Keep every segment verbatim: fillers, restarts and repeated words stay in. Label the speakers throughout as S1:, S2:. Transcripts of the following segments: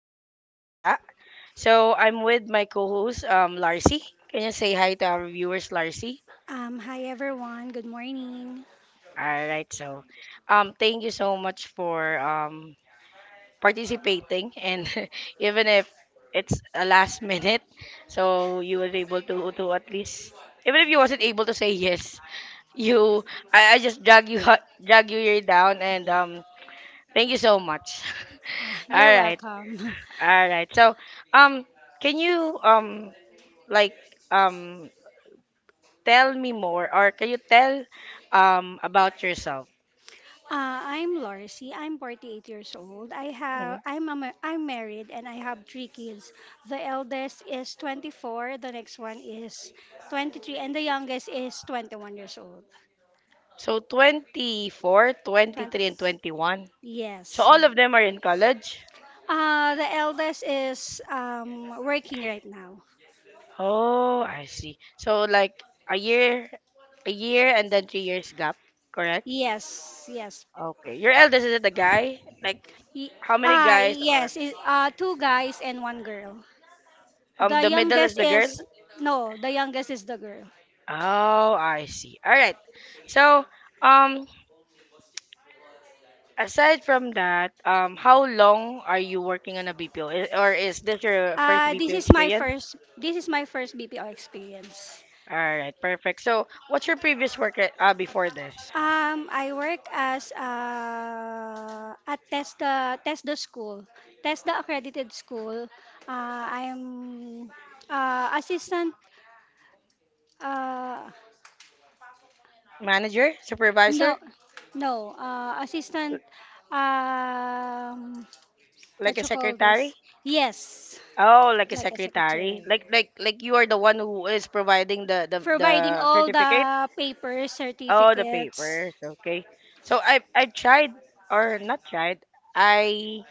S1: for today. I'm Cha. So I'm with my co-host, um, Larcy. Can you say hi to our viewers, Larcy?
S2: Um, hi everyone, good morning.
S1: All right. So, um, thank you so much for um participating, and even if it's a last minute, so you was able to to at least even if you wasn't able to say yes, you I, I just drag you drag you here down, and um, thank you so much.
S2: Ah,
S1: All
S2: you're
S1: right.
S2: welcome.
S1: All right. So, um, can you um like um tell me more, or can you tell um about yourself?
S2: Uh, I'm Lorcy. I'm forty-eight years old. I have
S1: Mhm.
S2: I'm a, ma- I'm married and I have three kids. The eldest is twenty-four, the next one is twenty-three, and the youngest is twenty-one years old.
S1: So twenty four, twenty
S2: twenty.
S1: three, and twenty one. So
S2: Yes,
S1: all
S2: ma'am.
S1: of them are in college.
S2: Uh, the eldest is um, working right now.
S1: Oh, I see. So like a year, a year, and then three years gap, correct?
S2: Yes, yes.
S1: Okay. Your eldest is it a guy? Like
S2: Y-
S1: how many
S2: Ah,
S1: guys, or
S2: yes. It, uh, two guys and one girl.
S1: um
S2: The
S1: the middle is
S2: youngest
S1: the girl?
S2: is no, the youngest is the girl.
S1: Oh, I see. All right. So um aside from that, um, how long are you working on a B P O, or is this your first
S2: Uh, this
S1: B P O
S2: is my
S1: experience?
S2: first this is my first B P O experience.
S1: All right, perfect. So, what's your previous work at- uh, before this?
S2: Um, I work as uh, at Testa Testa School, Testa accredited school. Uh, I'm uh, assistant. Uh,
S1: Manager,
S2: no,
S1: supervisor,
S2: no, uh, assistant. Um,
S1: like
S2: what
S1: a
S2: you call this?
S1: secretary?
S2: Yes,
S1: Oh, like a
S2: like a
S1: secretary.
S2: secretary.
S1: Like like like you are the one who is providing the the,
S2: Providing
S1: the
S2: all
S1: certificate?
S2: the papers,
S1: Oh, the
S2: certificates.
S1: papers. Okay. So I I tried or not tried. I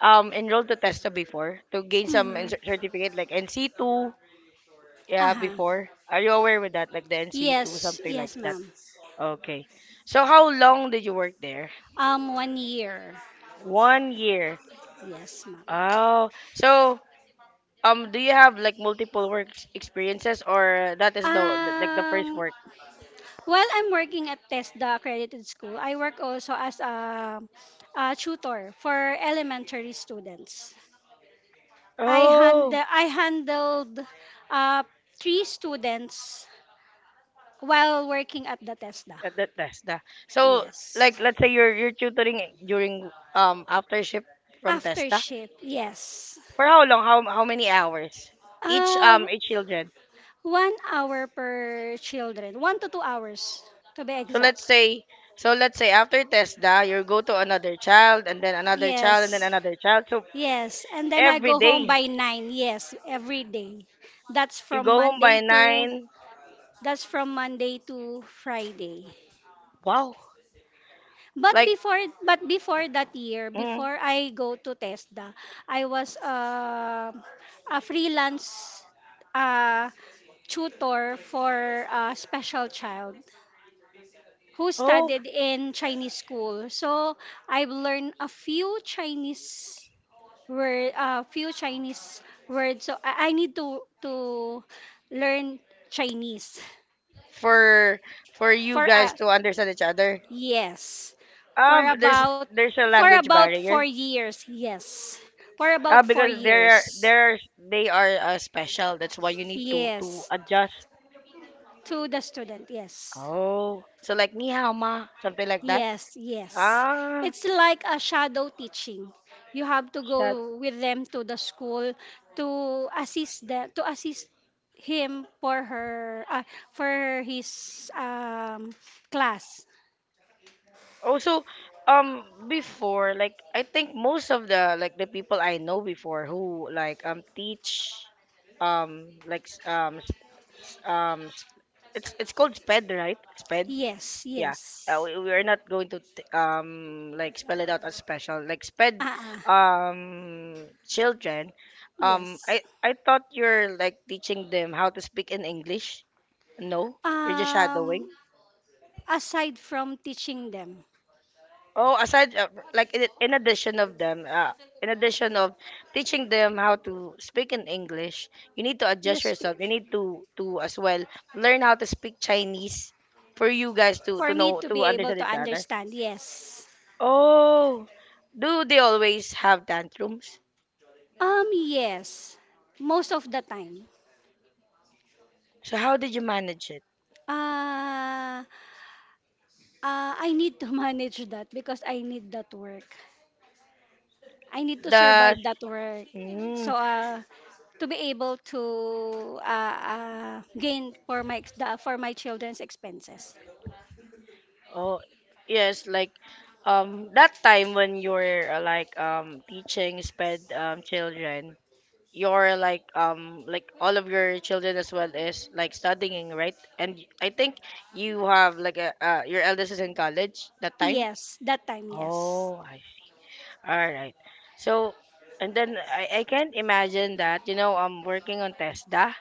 S1: um enrolled to TESTA before to gain some in-
S2: Mhm.
S1: certificate like N C two. Yeah,
S2: Uh-huh.
S1: before. Are you aware with that? Like the N C two,
S2: Yes,
S1: something like
S2: yes,
S1: that.
S2: ma'am.
S1: Okay. So how long did you work there?
S2: Um, one year.
S1: One year.
S2: Yes, ma'am.
S1: Oh, so um, do you have like multiple work ex- experiences, or that is the like the first
S2: Um,
S1: work?
S2: while I'm working at TESDA accredited school, I work also as a, a tutor for elementary students. I hand
S1: Oh,
S2: I handled uh, three students while working at the TESDA.
S1: that, that that's the. So
S2: Yes.
S1: like, let's say you're you're tutoring during um after shift from
S2: After
S1: Testa.
S2: shift, yes.
S1: For how long? How how many hours? Each
S2: Uh,
S1: um each children.
S2: One hour per children, one to two hours to be
S1: So
S2: exact.
S1: let's say, so let's say after TESDA, you go to another child and then another child and then
S2: Yes,
S1: another child. So
S2: yes. And then I
S1: every
S2: go home
S1: day
S2: by nine. Yes, every day. That's
S1: you
S2: from
S1: go home by
S2: Monday to
S1: nine.
S2: that's from Monday to Friday.
S1: Wow,
S2: But
S1: like
S2: before but before that year,
S1: mm,
S2: before I go to TESDA, I was uh, a freelance uh, tutor for a special child. Who
S1: oh,
S2: studied in Chinese school. So I've learned a few Chinese word, a few Chinese words. So I, I need to to learn Chinese,
S1: for for you
S2: for
S1: guys
S2: a
S1: to understand each other.
S2: yes, for
S1: Um, there's
S2: about
S1: there's a
S2: for
S1: language
S2: about
S1: barrier.
S2: four years. Yes, for
S1: Uh,
S2: about four
S1: because there are
S2: years.
S1: there are- they are uh, special. That's why you need to to
S2: Yes,
S1: adjust.
S2: to the student. Yes.
S1: Oh, so like ni hao ma, something like that.
S2: Yes, yes.
S1: Ah,
S2: It's like a shadow teaching. You have to
S1: shut.
S2: go with them to the school to assist the to assist him for her uh, for his um class.
S1: Also, um, before, like, I think most of the, like, the people I know before who, like, um, teach, um, like, s- um, s- s- um, s- it's, it's called SPED, right? SPED?
S2: Yes,
S1: Yeah. Uh,
S2: yes.
S1: we, we are not going to, t- um, like, spell it out as special. Like, SPED,
S2: Ah, ah,
S1: um, children, um,
S2: yes.
S1: I, I thought you're, like, teaching them how to speak in English. No, you're just
S2: Um
S1: shadowing.
S2: Aside from teaching them.
S1: Oh, aside uh, like in, in addition of them, uh, in addition of teaching them how to speak in English, you need to
S2: You
S1: adjust
S2: speak
S1: yourself. You need to to as well learn how to speak Chinese for you guys to
S2: For
S1: to
S2: me
S1: know
S2: to
S1: to
S2: be able
S1: understand
S2: to
S1: each other.
S2: understand. Yes.
S1: Oh, do they always have tantrums?
S2: Um yes. Most of the time.
S1: So how did you manage it?
S2: Uh Uh, I need to manage that because I need that work. I need to
S1: The
S2: survive that work.
S1: mm,
S2: So uh, to be able to uh, uh, gain for my ex- the, for my children's expenses.
S1: oh yes, like um that time when you're uh, like um teaching sped um children, your like um like all of your children as well is like studying, right? And y- I think you have like a uh, your eldest is in college that time.
S2: Yes, that time, yes.
S1: Oh, I. All right. So, and then i i can't imagine that, you know I'm working on tesda,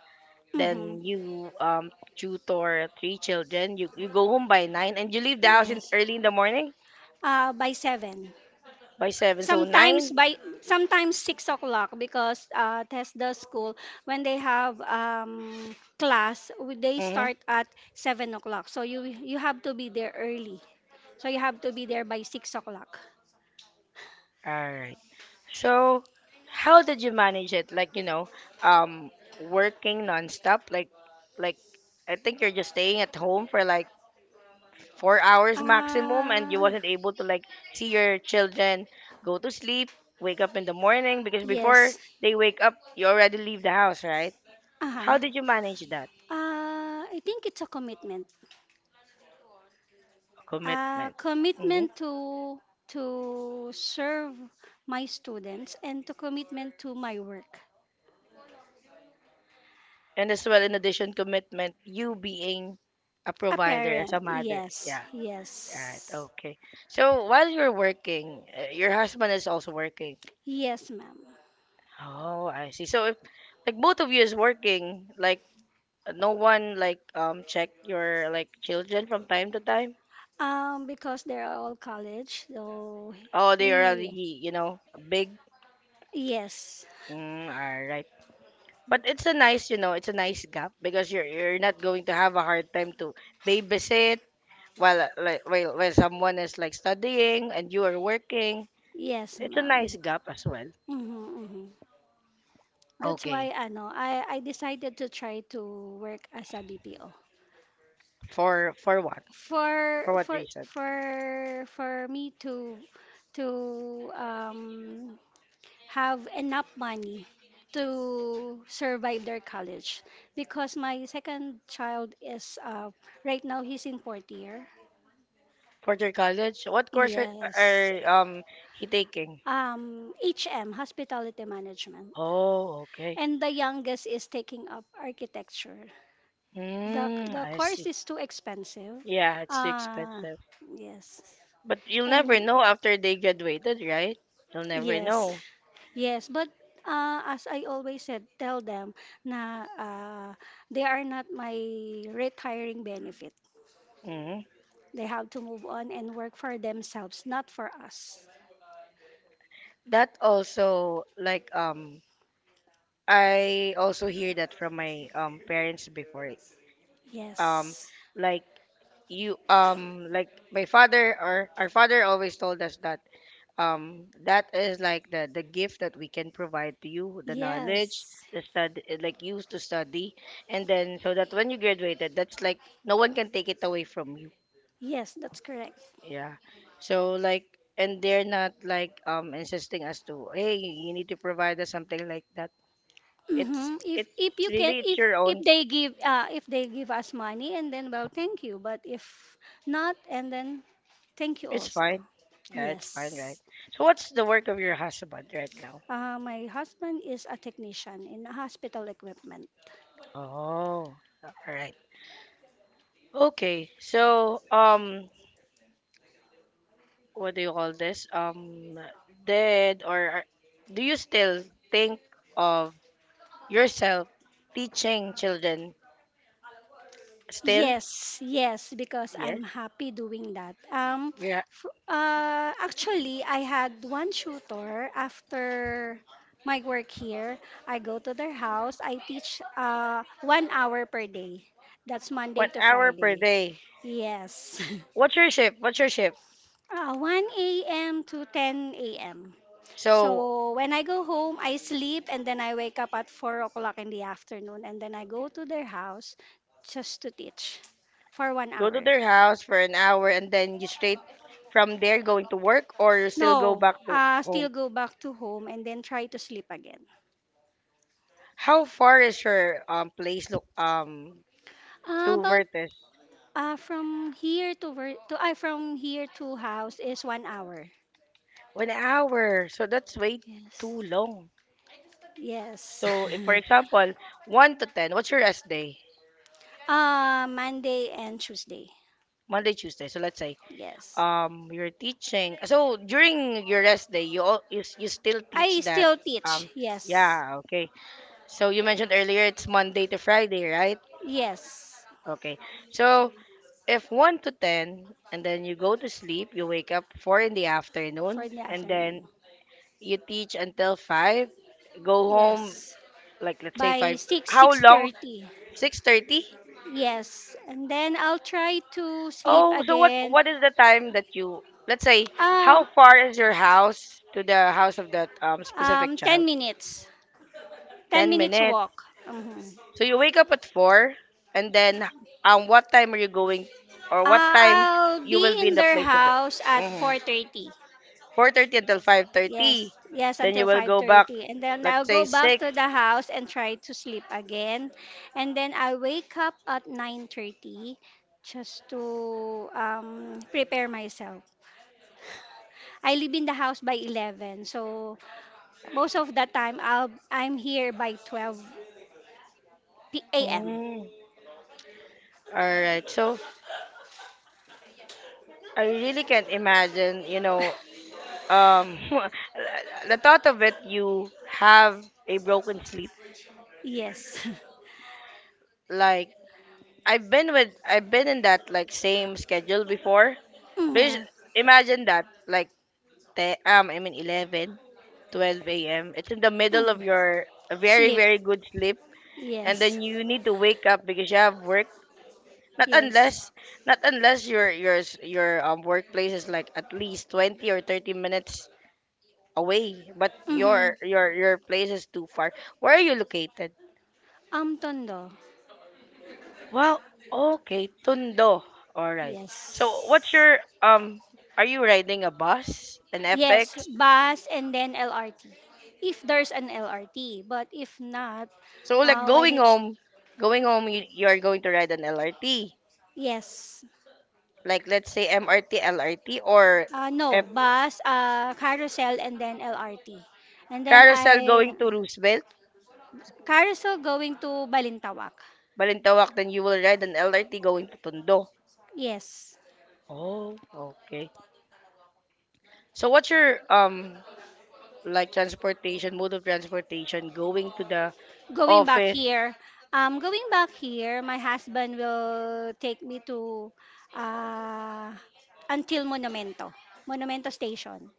S2: Mm-hmm.
S1: then you um tutor three children. You you go home by nine and you leave the house in
S2: Yes.
S1: early in the morning
S2: Uh, by seven.
S1: by seven. So
S2: Sometimes
S1: nine.
S2: by Sometimes six o'clock because uh, Tesla school, when they have um, class w- they
S1: Mm-hmm.
S2: start at seven o'clock. So you you have to be there early. So you have to be there by six o'clock.
S1: All right. So, how did you manage it? Like, you know, um, working nonstop. Like, like I think you're just staying at home for like four hours maximum, and you
S2: Uh,
S1: wasn't able to like see your children go to sleep, wake up in the morning because before
S2: yes.
S1: they wake up, you already leave the house, right? How
S2: Uh-huh.
S1: did you manage that?
S2: Uh, I think it's a commitment. Uh,
S1: Commitment? Hmm.
S2: commitment to to serve my students and to commitment to my work.
S1: And as well, in addition, commitment, you being a
S2: A
S1: provider as
S2: parent.
S1: a mother.
S2: Yes.
S1: Yeah. Right.
S2: Yes.
S1: Okay. So while you're working, uh, your husband is also working.
S2: Yes, ma'am.
S1: Oh, I see. So if like both of you is working, like uh, no one like um check your like children from time to time.
S2: Um, because they're all college, so
S1: Oh, they are already
S2: we
S1: you know big.
S2: yes.
S1: Mm, all right. But it's a nice you know it's a nice gap because you're you're not going to have a hard time to babysit while uh, like while while someone is like studying and you are working.
S2: Yes,
S1: It's a
S2: ma'am.
S1: nice gap as well.
S2: Mm-hmm, mm-hmm. That's why
S1: Okay.
S2: ano, I I decided to try to work as a B P O.
S1: For for what?
S2: For
S1: For what
S2: for
S1: reason?
S2: for for me to to um have enough money to survive their college, because my second child is uh, right now he's in fourth year.
S1: For their college? What course are,
S2: Yes.
S1: are um he taking?
S2: Um H M hospitality management,
S1: Oh, okay.
S2: and the youngest is taking up architecture. The
S1: Hmm,
S2: the
S1: I see.
S2: course is too expensive.
S1: Yeah, it's too
S2: Uh
S1: expensive.
S2: yes.
S1: But you'll never
S2: And
S1: know after they graduated, right? You'll never
S2: yes.
S1: know.
S2: Yes, but uh, as I always said, tell them na, uh, they are not my retiring benefit.
S1: hmm
S2: They have to move on and work for themselves, not for us.
S1: That also like um I also hear that from my um parents before. Um
S2: Yes.
S1: like you um like my father or our father always told us that um that is like the the gift that we can provide to you, the knowledge,
S2: Yes.
S1: the study like used to study, and then so that when you graduated, that's like no one can take it away from you.
S2: Yes, that's correct.
S1: Yeah. So like, and they're not like um insisting us to, hey, you need to provide us something like that.
S2: hmm
S1: It's
S2: If
S1: it's
S2: if you can
S1: really it's
S2: if
S1: your
S2: if
S1: own.
S2: they give uh, if they give us money, and then, well, thank you, but if not, and then thank you
S1: It's
S2: also.
S1: fine. Yeah, it's fine, right?
S2: Yes.
S1: So what's the work of your husband right now?
S2: Uh, my husband is a technician in hospital equipment.
S1: Oh, all right. Okay. So um what do you call this? um did or are- do you still think of yourself teaching children still?
S2: Yes, yes, because
S1: Yes.
S2: I'm happy doing that. Um,
S1: Yeah.
S2: f uh, Actually, I had one tutor after my work here. I go to their house. I teach uh, one hour per day. That's Monday
S1: one
S2: to
S1: hour per
S2: Friday.
S1: day.
S2: Yes.
S1: What's your shift what's your shift?
S2: Uh, one a m to ten a m.
S1: So,
S2: So when I go home, I sleep and then I wake up at four o'clock in the afternoon, and then I go to their house just to teach for one
S1: go to
S2: hour.
S1: their house for an hour and then you straight from there going to work, or you still go
S2: No,
S1: back to
S2: uh, still
S1: home?
S2: go back to home and then try to sleep again.
S1: How far is your um place, look, um
S2: Uh,
S1: to
S2: about,
S1: vertex?
S2: uh, from here to wor- to I from here to house is one hour.
S1: One hour. So that's way
S2: Yes.
S1: too long.
S2: Yes.
S1: So if for example, one to ten, what's your rest day?
S2: uh, Monday and Tuesday.
S1: Monday, Tuesday. So let's say
S2: Yes.
S1: um you're teaching. So during your rest day, you all, you, s- you still
S2: I
S1: teach that.
S2: still teach.
S1: um
S2: Yes.
S1: yeah, okay. So you mentioned earlier it's Monday to Friday, right?
S2: Yes,
S1: Okay. So if one to ten, and then you go to sleep, you wake up four in the afternoon,
S2: for the
S1: and then
S2: afternoon.
S1: you teach until five, go home,
S2: Yes,
S1: like let's say
S2: by
S1: five.
S2: six,
S1: How long?
S2: six thirty.
S1: six thirty?
S2: Yes, and then I'll try to sleep
S1: Oh, so what
S2: again.
S1: what is the time that you, let's say, how
S2: Um,
S1: far is your house to the house of that um specific
S2: um, ten
S1: child?
S2: minutes. ten
S1: Ten
S2: minutes
S1: minutes.
S2: walk. Mhm.
S1: So you wake up at four, and then um what time are you going, or what
S2: Uh,
S1: time
S2: I'll
S1: you
S2: be
S1: will be in
S2: in
S1: the
S2: their
S1: place of the.
S2: house at
S1: Mm-hmm.
S2: four thirty.
S1: Four thirty until five
S2: Yes,
S1: thirty,
S2: yes,
S1: then you
S2: until
S1: will go back.
S2: five thirty. And then I'll
S1: Let's say
S2: go back
S1: six.
S2: to the house and try to sleep again. And then I wake up at nine thirty just to um, prepare myself. I live in the house by eleven. So most of the time I'll, I'm here by twelve p m
S1: Mm. All right. So I really can't imagine. You know, um, the thought of it, you have a broken sleep
S2: Yes.
S1: like I've been with I've been in that like same schedule before. Please
S2: Mm-hmm.
S1: imagine that like te- um I mean eleven, twelve a m. It's in the middle
S2: hmm
S1: of your very
S2: Sleep.
S1: very good sleep, and
S2: Yes.
S1: then you need to wake up because you have work. Not
S2: Yes.
S1: unless not unless your your s- your um workplace is like at least twenty or thirty minutes away, but
S2: Mm-hmm.
S1: your your your place is too far. Where are you located?
S2: Um, Tondo.
S1: Well, okay, Tondo. All right. So, what's
S2: Yes.
S1: your um? Are you riding a bus, an
S2: Yes,
S1: F X?
S2: bus and then L R T. If there's an L R T, but if not,
S1: So, like
S2: uh, when
S1: going
S2: it's
S1: home, going home, you, you are going to ride an L R T.
S2: yes,
S1: Like let's say M R T L R T, or
S2: uh, no
S1: F
S2: bus, uh, carousel and then L R T, and then
S1: carousel
S2: I
S1: going to Roosevelt,
S2: Carousel going to Balintawak.
S1: Balintawak. Then you will ride an L R T going to Tondo.
S2: Yes.
S1: Oh, okay. So, what's your um like transportation mode of transportation going to the
S2: Going back
S1: office?
S2: here. Um, going back here, my husband will take me to uh, until Monumento. Monumento Station.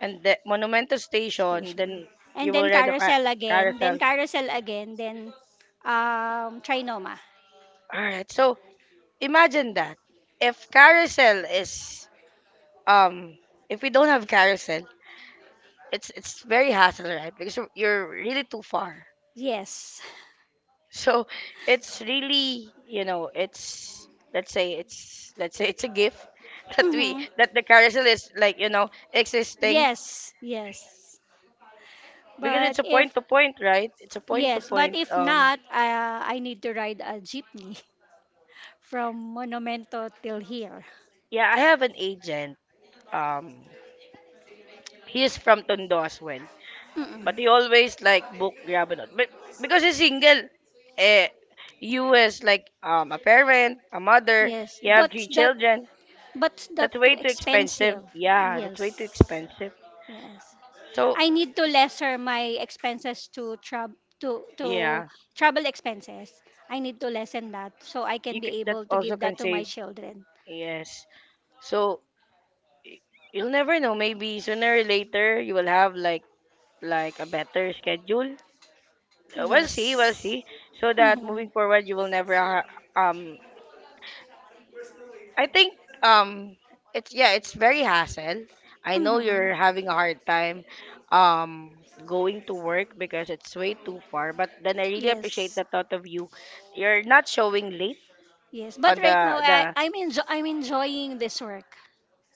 S1: And the Monumento Station,
S2: Station.
S1: then
S2: And
S1: you will
S2: then
S1: ride the car-
S2: Carousel again. Then
S1: carousel.
S2: Carousel again. Then um, Trinoma.
S1: All right. So imagine that if carousel is um if we don't have carousel, it's it's very hassle, right? Because you're you're really too far.
S2: Yes.
S1: So it's really you know it's let's say it's let's say it's a gift that we
S2: hmm
S1: that the carousel is like you know existing,
S2: Yes. Yes.
S1: because
S2: But
S1: it's a point
S2: if
S1: to point, right? It's a point to
S2: Yes, but
S1: point.
S2: if
S1: Um
S2: not, uh, I need to ride a jeepney from Monumento till here.
S1: yeah, I have an agent. Um He is from Tondo as well. But
S2: Mm-mm.
S1: he always like book Grabanot. But because he's single, eh, you as like um a parent, a mother,
S2: Yes,
S1: you have
S2: but
S1: three
S2: that
S1: children.
S2: but that
S1: That's
S2: too
S1: way too
S2: expensive.
S1: expensive. Yeah, that's way too
S2: Yes,
S1: expensive.
S2: yes.
S1: So
S2: I need to lesser my expenses to travel to to
S1: yeah,
S2: travel expenses. I need to lessen that so I can
S1: you c-
S2: be
S1: that
S2: able to
S1: also
S2: give
S1: can
S2: that to my
S1: save.
S2: children.
S1: Yes. So y- you'll never know. Maybe sooner or later you will have like like a better schedule. Uh, We'll see. We'll
S2: Yes.
S1: see. So that
S2: Mm-hmm.
S1: moving forward, you will never ha- um I think um it's yeah, it's very hassle. I know
S2: Mm-hmm.
S1: you're having a hard time um going to work because it's way too far, but then I really appreciate
S2: Yes.
S1: the thought of you. You're not showing late
S2: Yes. But
S1: on
S2: right now
S1: the
S2: I
S1: the
S2: I'm enjo- I'm enjoying this work.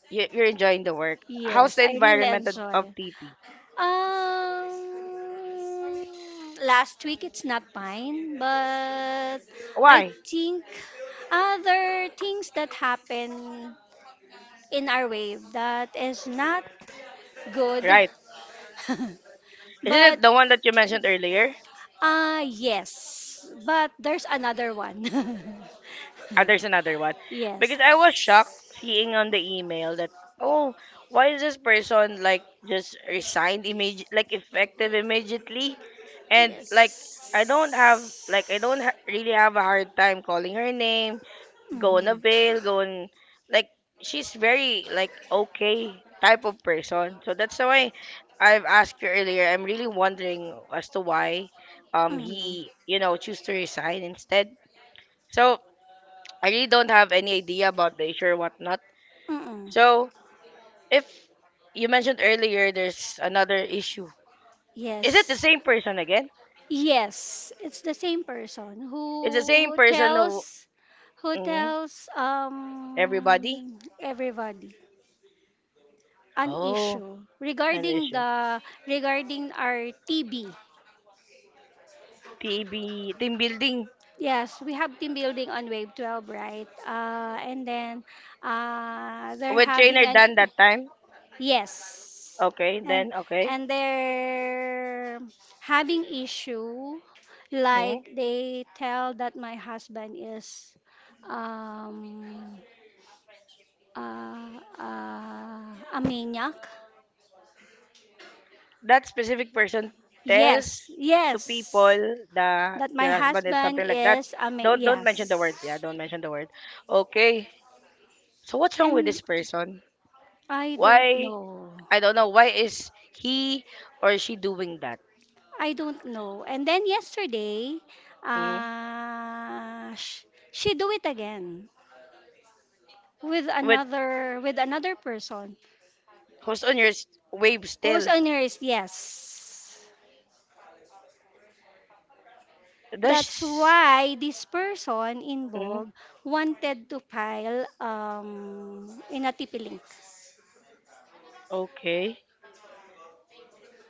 S1: you- you're enjoying the work. How's
S2: Yes,
S1: the
S2: I really
S1: environment of
S2: enjoy.
S1: of T P?
S2: Um, Last week it's not mine, but I
S1: Why?
S2: think other things that happen in our wave that is not good.
S1: Right. Isn't
S2: but
S1: it the one that you mentioned earlier?
S2: uh Yes, but there's another one.
S1: Uh, there's another one.
S2: Yes.
S1: Because I was shocked seeing on the email that, oh, why is this person like just resigned immediate, like effective immediately? And like, I
S2: Yes.
S1: don't have, like, I don't ha- really have a hard time calling her name, going a
S2: Mhm.
S1: going, like, she's very, like, okay type of person. So that's why I've asked you earlier. I'm really wondering as to why um
S2: Mhm.
S1: he, you know, choose to resign instead. So I really don't have any idea about the issue or whatnot.
S2: Mhm.
S1: So, if you mentioned earlier, there's another issue. Is it the
S2: Yes.
S1: same person again?
S2: Yes, it's the same person who
S1: It's the same
S2: who
S1: person who
S2: tells who
S1: mhm,
S2: tells
S1: everybody.
S2: um everybody an
S1: Oh,
S2: issue
S1: an
S2: regarding
S1: issue.
S2: the regarding our T B.
S1: T B, team building
S2: Yes, we have team building on Wave twelve, right? Uh, and then uh, they're
S1: with trainer
S2: having an.
S1: done that time.
S2: Yes.
S1: Okay,
S2: And
S1: then okay.
S2: and they're having issue,
S1: Mhm.
S2: like they tell that my husband is um uh, uh, a maniac.
S1: That specific person tells
S2: Yes,
S1: to
S2: yes.
S1: people that
S2: That my
S1: your husband is
S2: husband
S1: something like that.
S2: is a ma-.
S1: Don't don't mention the word. Yeah,
S2: Yes.
S1: don't mention the word. Okay. So what's wrong with
S2: And
S1: this person?
S2: I don't
S1: Why
S2: know.
S1: I don't know why is he or she doing that.
S2: I don't know. And then yesterday,
S1: Mm.
S2: uh, sh- she do it again, with
S1: With
S2: another with another person
S1: who's on your s- wave
S2: who's
S1: still?
S2: on nearest, yes. That's
S1: Does
S2: why this person
S1: mm.
S2: involved wanted to file um in a T P link.
S1: Okay.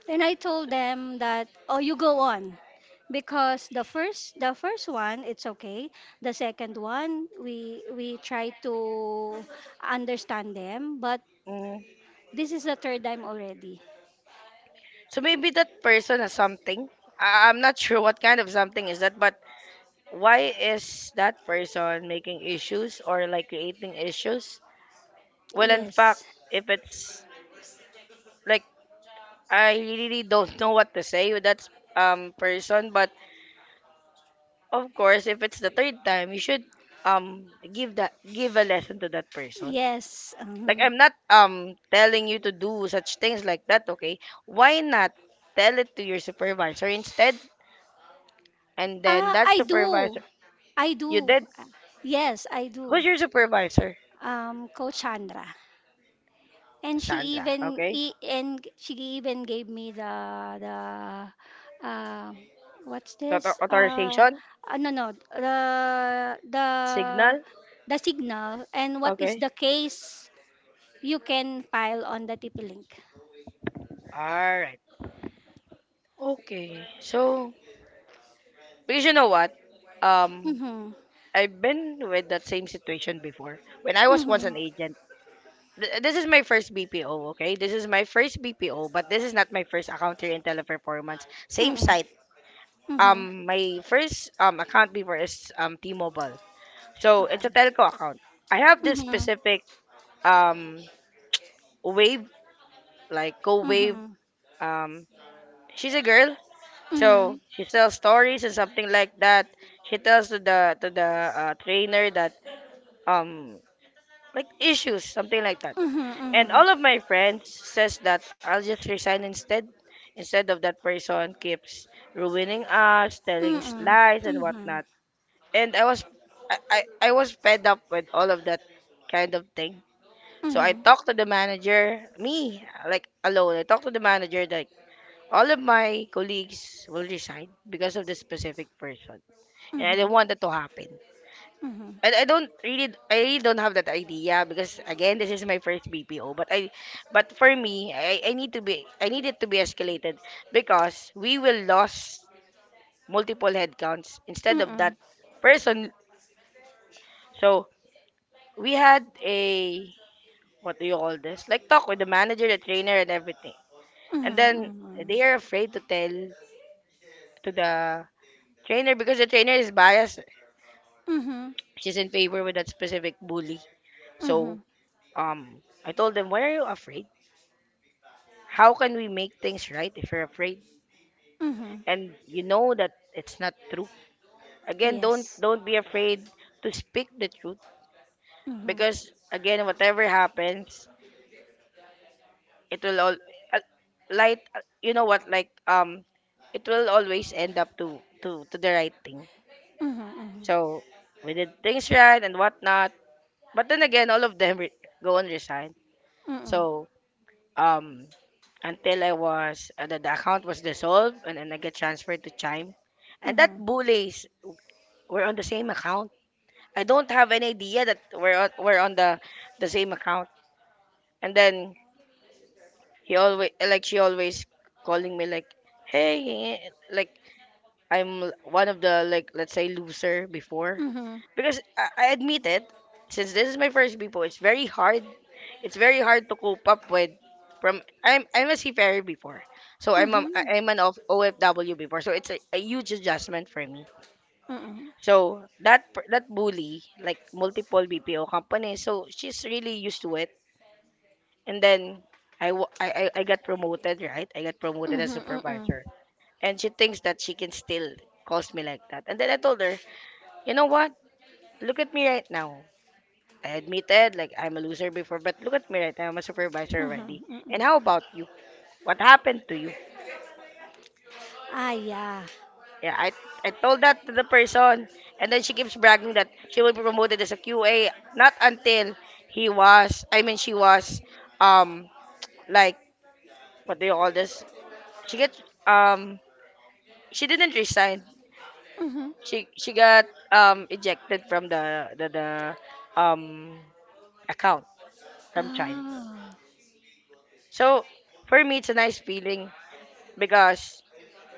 S2: Then I told them that, oh, you go on, because the first the first one it's okay, the second one we we try to understand them, but
S1: Mm.
S2: this is the third time already.
S1: So maybe that person has something. I- I'm not sure what kind of something is that, but why is that person making issues or like creating issues? Well, in fact,
S2: Yes.
S1: if it's like I really don't know what to say with that um person, but of course, if it's the third time, you should um give that give a lesson to that person.
S2: Yes.
S1: Like
S2: Uh-huh. uh
S1: I'm not um telling you to do such things like that, okay? Why not tell it to your supervisor instead? And then
S2: Ah,
S1: that
S2: I do.
S1: supervisor
S2: I
S1: you
S2: do.
S1: did
S2: Uh, Yes, I do.
S1: who's your supervisor?
S2: Um, Coach Chandra, and she
S1: Sandra,
S2: even
S1: okay?
S2: e- and she even gave me the the um what's
S1: Author-
S2: this? Uh,
S1: authorization?
S2: uh, no, no, the the
S1: Signal?
S2: the signal and what is
S1: Okay.
S2: the case you can file on the T P link.
S1: Alright. Okay. So because you know what? Um
S2: Mhm.
S1: I've been with that same situation before, when I was once
S2: Mhm.
S1: an agent. Th- This is my first B P O, okay? This is my first B P O, but this is not my first account here in Teleperformance. Same
S2: Mhm.
S1: site.
S2: Mhm.
S1: Um, my first um account before is um T-Mobile. So it's a
S2: Okay.
S1: telco account. I have this
S2: Mhm.
S1: specific um wave, like co wave,
S2: Mhm.
S1: um she's a girl,
S2: Mhm.
S1: so
S2: Mhm.
S1: she tells stories and something like that. She tells to the to the uh, trainer that um like issues, something like that. And
S2: Mhm.
S1: all of my friends says that I'll just resign instead, instead of that person keeps ruining us, telling us
S2: Mhm.
S1: lies and whatnot.
S2: Mhm.
S1: And I was I, I, I was fed up with all of that kind of thing. So I
S2: Mhm.
S1: talked to the manager, me, like alone. I talked to the manager like all of my colleagues will resign because of this specific person. And I don't
S2: Mhm.
S1: want that to happen,
S2: Mhm.
S1: and I don't really I really don't have that idea because again, this is my first B P O, but I but for me, I, I need to be, I need it to be escalated, because we will lose multiple headcounts instead of that
S2: Mhm.
S1: person. So we had a, what do you call this, like talk with the manager, the trainer and everything. And then
S2: Mhm.
S1: they are afraid to tell to the trainer because the trainer is biased,
S2: Mhm. Mhm.
S1: she's in favor with that specific bully.
S2: Mhm.
S1: So um I told them, why are you afraid? How can we make things right if you're afraid
S2: Mhm.
S1: and you know that it's not true? Again, don't
S2: Yes.
S1: don't be afraid to speak the truth,
S2: Mhm.
S1: because again, whatever happens, it will all uh, light. uh, You know what? Like um, it will always end up to to to the right thing.
S2: Mhm.
S1: So we did things right and whatnot. But then again, all of them re- go and resign.
S2: Mhm.
S1: So um until I was uh, the, the account was dissolved, and then I get transferred to Chime.
S2: Mhm.
S1: And that
S2: Mhm.
S1: bullies were on the same account. I don't have any idea that we're on, we're on the the same account. And then he always like she always calling me like, hey eh, like I'm one of the, like let's say, loser before.
S2: Mhm.
S1: Because I, I admit it, since this is my first Bipo, it's very hard. It's very hard to cope up with. From I'm I'm a seafarer before, so I'm a,
S2: Mhm.
S1: I'm an of O F W before, so it's a, a huge adjustment for me.
S2: Mhm.
S1: So that per- that bully, like multiple B P O companies, so she's really used to it. And then I, wa- I I I got promoted, right? I got promoted as
S2: Mhm. Mhm.
S1: supervisor, and she thinks that she can still calls me like that. And then I told her, you know what? Look at me right now. I admitted, like, I'm a loser before, but look at me right now. I'm a supervisor already.
S2: Mhm.
S1: And
S2: Mhm.
S1: how about you? What happened to you?
S2: Ah, yeah.
S1: Yeah, I, I told that to the person. And then she keeps bragging that she will be promoted as a Q A. Not until he was, I mean, she was, um, like, what do you call this? She gets, um, she didn't resign.
S2: Mhm.
S1: She, she got, um, ejected from the, the, the, um, account from Chime.
S2: Ah.
S1: So, for me, it's a nice feeling, because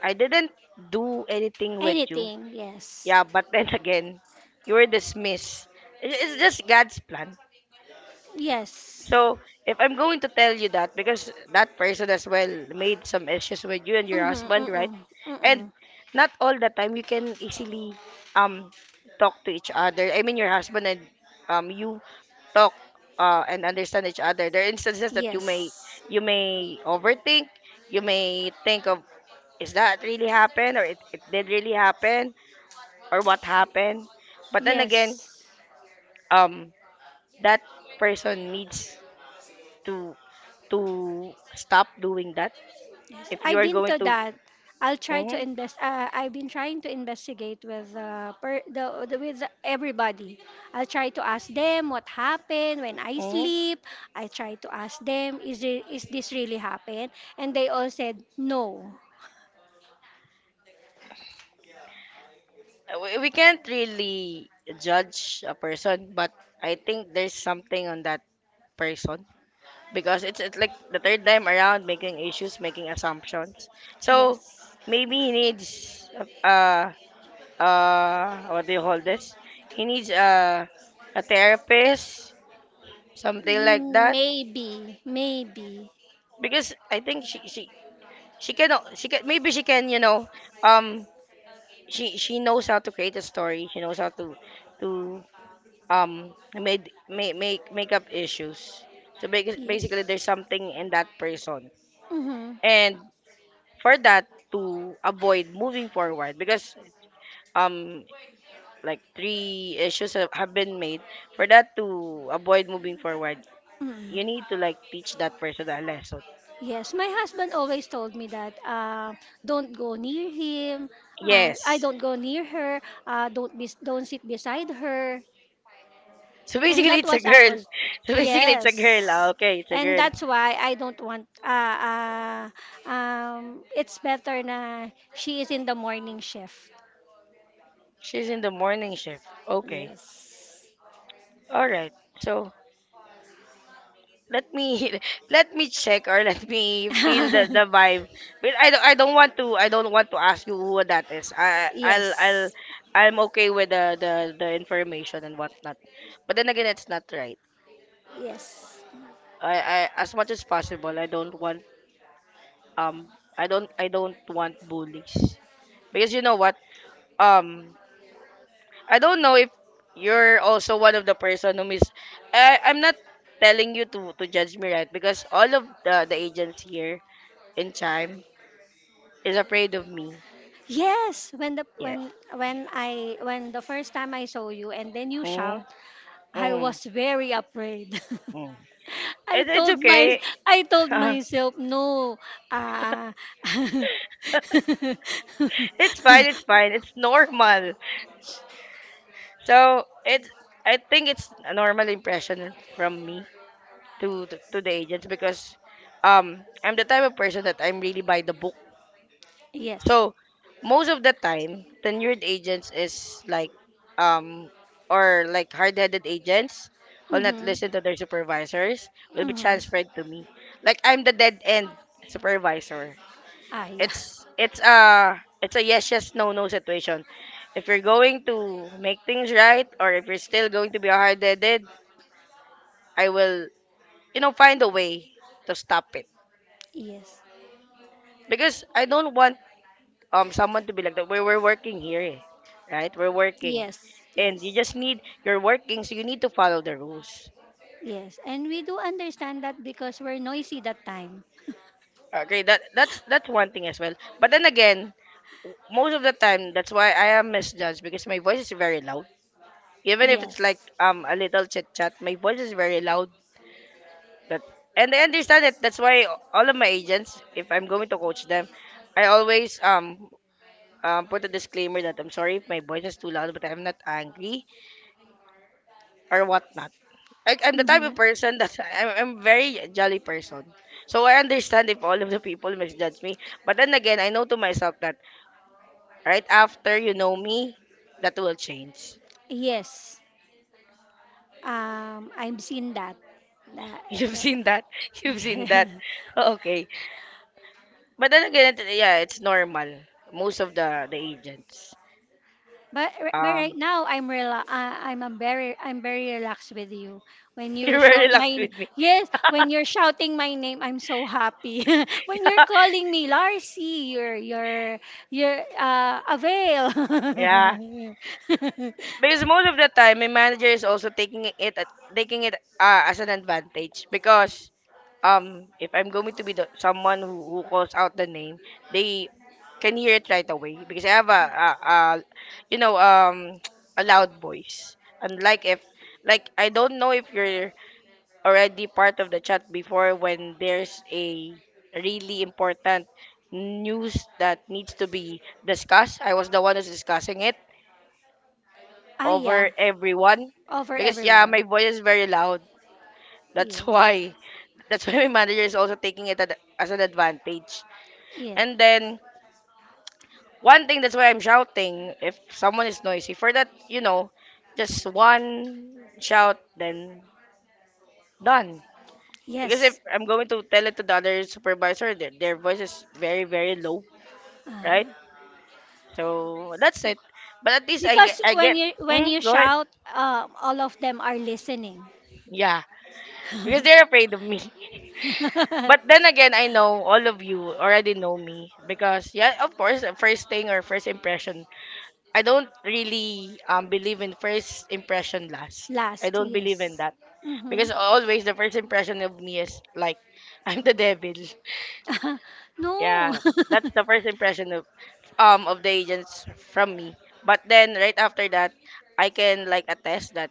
S1: I didn't do anything with you.
S2: Anything. Yes.
S1: Yeah, but then again, you were dismissed. I- It's just God's plan.
S2: Yes.
S1: So if I'm going to tell you that because that person as well made some issues with you and your
S2: Mhm.
S1: husband, right?
S2: Mhm.
S1: And
S2: Mhm.
S1: not all the time you can easily um talk to each other. I mean your husband and um you talk uh, and understand each other. There are instances that you may
S2: Yes.
S1: you may overthink, you may think of, is that really happened, or it, it did really happen, or what happened. But then again,
S2: Yes.
S1: um, that person needs to to stop doing that.
S2: Yes,
S1: If you
S2: I've
S1: are
S2: been
S1: going
S2: to
S1: to,
S2: that. I'll try to
S1: mm-hmm,
S2: invest. Uh, I've been trying to investigate with uh, per, the, the with everybody. I'll try to ask them what happened when I
S1: mm-hmm.
S2: sleep. I try to ask them, is it, is this really happened? And they all said no.
S1: We, we can't really judge a person, but I think there's something on that person, because it's, it's like the third time around making issues, making assumptions. So
S2: Yes.
S1: maybe he needs uh uh what do you call this? He needs uh, a therapist, something like
S2: Mm,
S1: that,
S2: maybe, maybe.
S1: because I think she she she can al- she can, maybe she can, you know, um she she knows how to create a story, she knows how to to um made make make make up issues. So basi- basically
S2: Yes.
S1: there's something in that person,
S2: Mm-hmm.
S1: and for that to avoid moving forward, because um like three issues have have been made, for that to avoid moving forward
S2: Mm-hmm.
S1: you need to like teach that person a lesson,
S2: Yes, my husband always told me that, uh, don't go near him. Uh, I
S1: yes.
S2: don't go near her. Uh, don't be, don't sit beside her.
S1: So
S2: And
S1: basically,
S2: that
S1: it's a
S2: was I
S1: girl.
S2: was,
S1: So basically, it's a girl. Ah,
S2: yes.
S1: okay, it's a
S2: And
S1: girl.
S2: that's why I don't want. Uh, uh, um, it's better na she is in the morning shift.
S1: She's in the morning shift. Okay.
S2: Yes.
S1: All right. So let me let me check, or let me feel the, the vibe. But I don't I don't want to, I don't want to ask you who that is. I I'll I'll
S2: Yes,
S1: I'm okay with the the, the information and whatnot. But then again, it's not right.
S2: yes.
S1: I, I, as much as possible, I don't want um I don't I don't want bullies, because you know what, um I don't know if you're also one of the person who miss. I I'm not telling you to to judge me, right? Because all of the the agents here in Chime is afraid of me.
S2: Yes, when the
S1: Yeah.
S2: when when I when the first time I saw you and then you shout,
S1: Mm,
S2: I
S1: mm,
S2: was very afraid.
S1: mm.
S2: I
S1: It, it's
S2: told my
S1: okay.
S2: I told myself no. Uh,
S1: It's fine. It's fine. It's normal. So it's, I think it's a normal impression from me to to, to the agents, because um I'm the type of person that I'm really by the book.
S2: yes.
S1: So most of the time, tenured agents is like um or like hard-headed agents who'll not
S2: Mm-hmm.
S1: listen to their supervisors will be
S2: Mm-hmm.
S1: transferred to me. Like I'm the dead end supervisor.
S2: Ah, yeah.
S1: It's it's a it's a yes yes no no situation. If you're going to make things right, or if you're still going to be hard-headed, I will, you know, find a way to stop it,
S2: Yes.
S1: because I don't want um someone to be like that. We're we're working here, eh, right? We're working,
S2: Yes.
S1: and you
S2: Yes.
S1: just need you're working, so you need to follow the rules.
S2: Yes. And we do understand that because we're noisy that time.
S1: Okay, that that's that's one thing as well. But then again, most of the time, that's why I am misjudged because my voice is very loud. Even if it's like
S2: Yes.
S1: um a little chit chat, my voice is very loud. That, and I understand it. That's why all of my agents, if I'm going to coach them, I always um. Um, put a disclaimer that I'm sorry if my voice is too loud, but I'm not angry or whatnot. I, I'm the type of
S2: Mm-hmm.
S1: person that I'm, I'm very jolly person. So I understand if all of the people misjudge me. But then again, I know to myself that right after you know me, that will change.
S2: Yes. Um, I've seen that. That,
S1: You've
S2: that.
S1: seen that. You've seen
S2: Yes.
S1: that. Okay. But then again, it- yeah, it's normal. Most of the the agents.
S2: But r- but
S1: Um,
S2: right now I'm rela- uh, I'm a very I'm very relaxed with you. When
S1: they
S2: you
S1: were
S2: shout my
S1: relaxed
S2: n-
S1: with me.
S2: Yes, when you're shouting my name, I'm so happy. When you're calling me Larcy, you're you're you're uh, avail.
S1: Yeah. Because most of the time my manager is also taking it at- taking it uh, as an advantage, because um if I'm going to be the someone who, who calls out the name, they can hear it right away because I have a, a, a, you know, um a loud voice. Unlike if like I don't know if you're already part of the chat before when there's a really important news that needs to be discussed. I was the one who's discussing it
S2: Ah yeah,
S1: over everyone,
S2: over
S1: because yeah,
S2: everyone.
S1: my voice is very loud. That's
S2: Yes,
S1: why. That's why my manager is also taking it ad- as an advantage.
S2: yeah,
S1: And then one thing that's why I'm shouting if someone is noisy. For that, you know, just one shout then done. Because if
S2: yes.
S1: I'm going to tell it to the other supervisor, their, their voice is very very low,
S2: Uh,
S1: right? So that's it. But at least I get
S2: because
S1: I
S2: when
S1: get.
S2: you when
S1: Mm,
S2: you
S1: go ahead.
S2: shout, uh, all of them are listening.
S1: Yeah, because they're afraid of me. But then again, I know all of you already know me because yeah, of course, uh, first thing or first impression. I don't really um believe in first impression last. I
S2: Last,
S1: don't believe in
S2: yes.
S1: that,
S2: Mm-hmm.
S1: because always the first impression of me is like I'm the devil.
S2: No.
S1: Yeah, that's the first impression of um of the agents from me. But then right after that, I can like attest that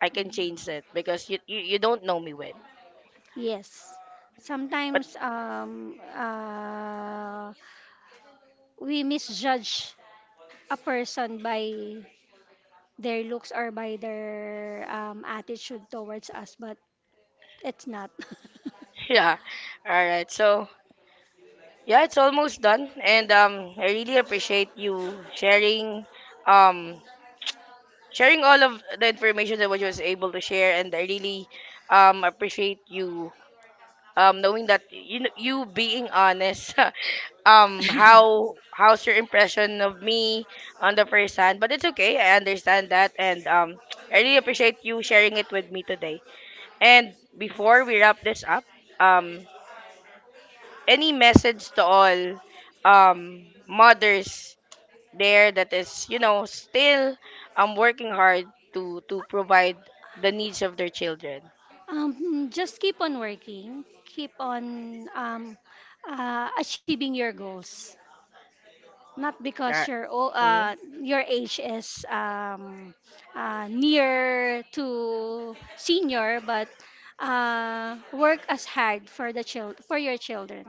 S1: I can change it because you you, you don't know me well.
S2: Yes.
S1: But
S2: Sometimes um, uh, we misjudge a person by their looks or by their um, attitude towards us, but it's not.
S1: yeah, all right. So yeah, it's almost done, and um, I really appreciate you sharing, um, sharing all of the information that what you was able to share. And I really um appreciate you um knowing that you kn- you being honest, um how how's your impression of me on the first hand, but it's okay, I understand that, and um I really appreciate you sharing it with me today. And before we wrap this up, um, any message to all um mothers there that is, you know, still um working hard to to provide the needs of their children.
S2: Um, just keep on working, keep on um, uh, achieving your goals. Not
S1: All
S2: because your o- uh your age is um uh, near to senior, but uh, work as hard for the child for your children.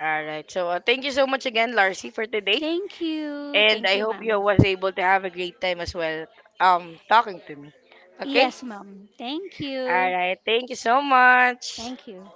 S1: right. So uh, thank you so much again, Larcy, for today,
S2: Thank you,
S1: and
S2: thank
S1: I
S2: you,
S1: hope you
S2: ma'am.
S1: was able to have a great time as well. Um, talking to me. Okay.
S2: Yes, ma'am. Thank
S1: All
S2: you,
S1: right. Thank you so much.
S2: thank you.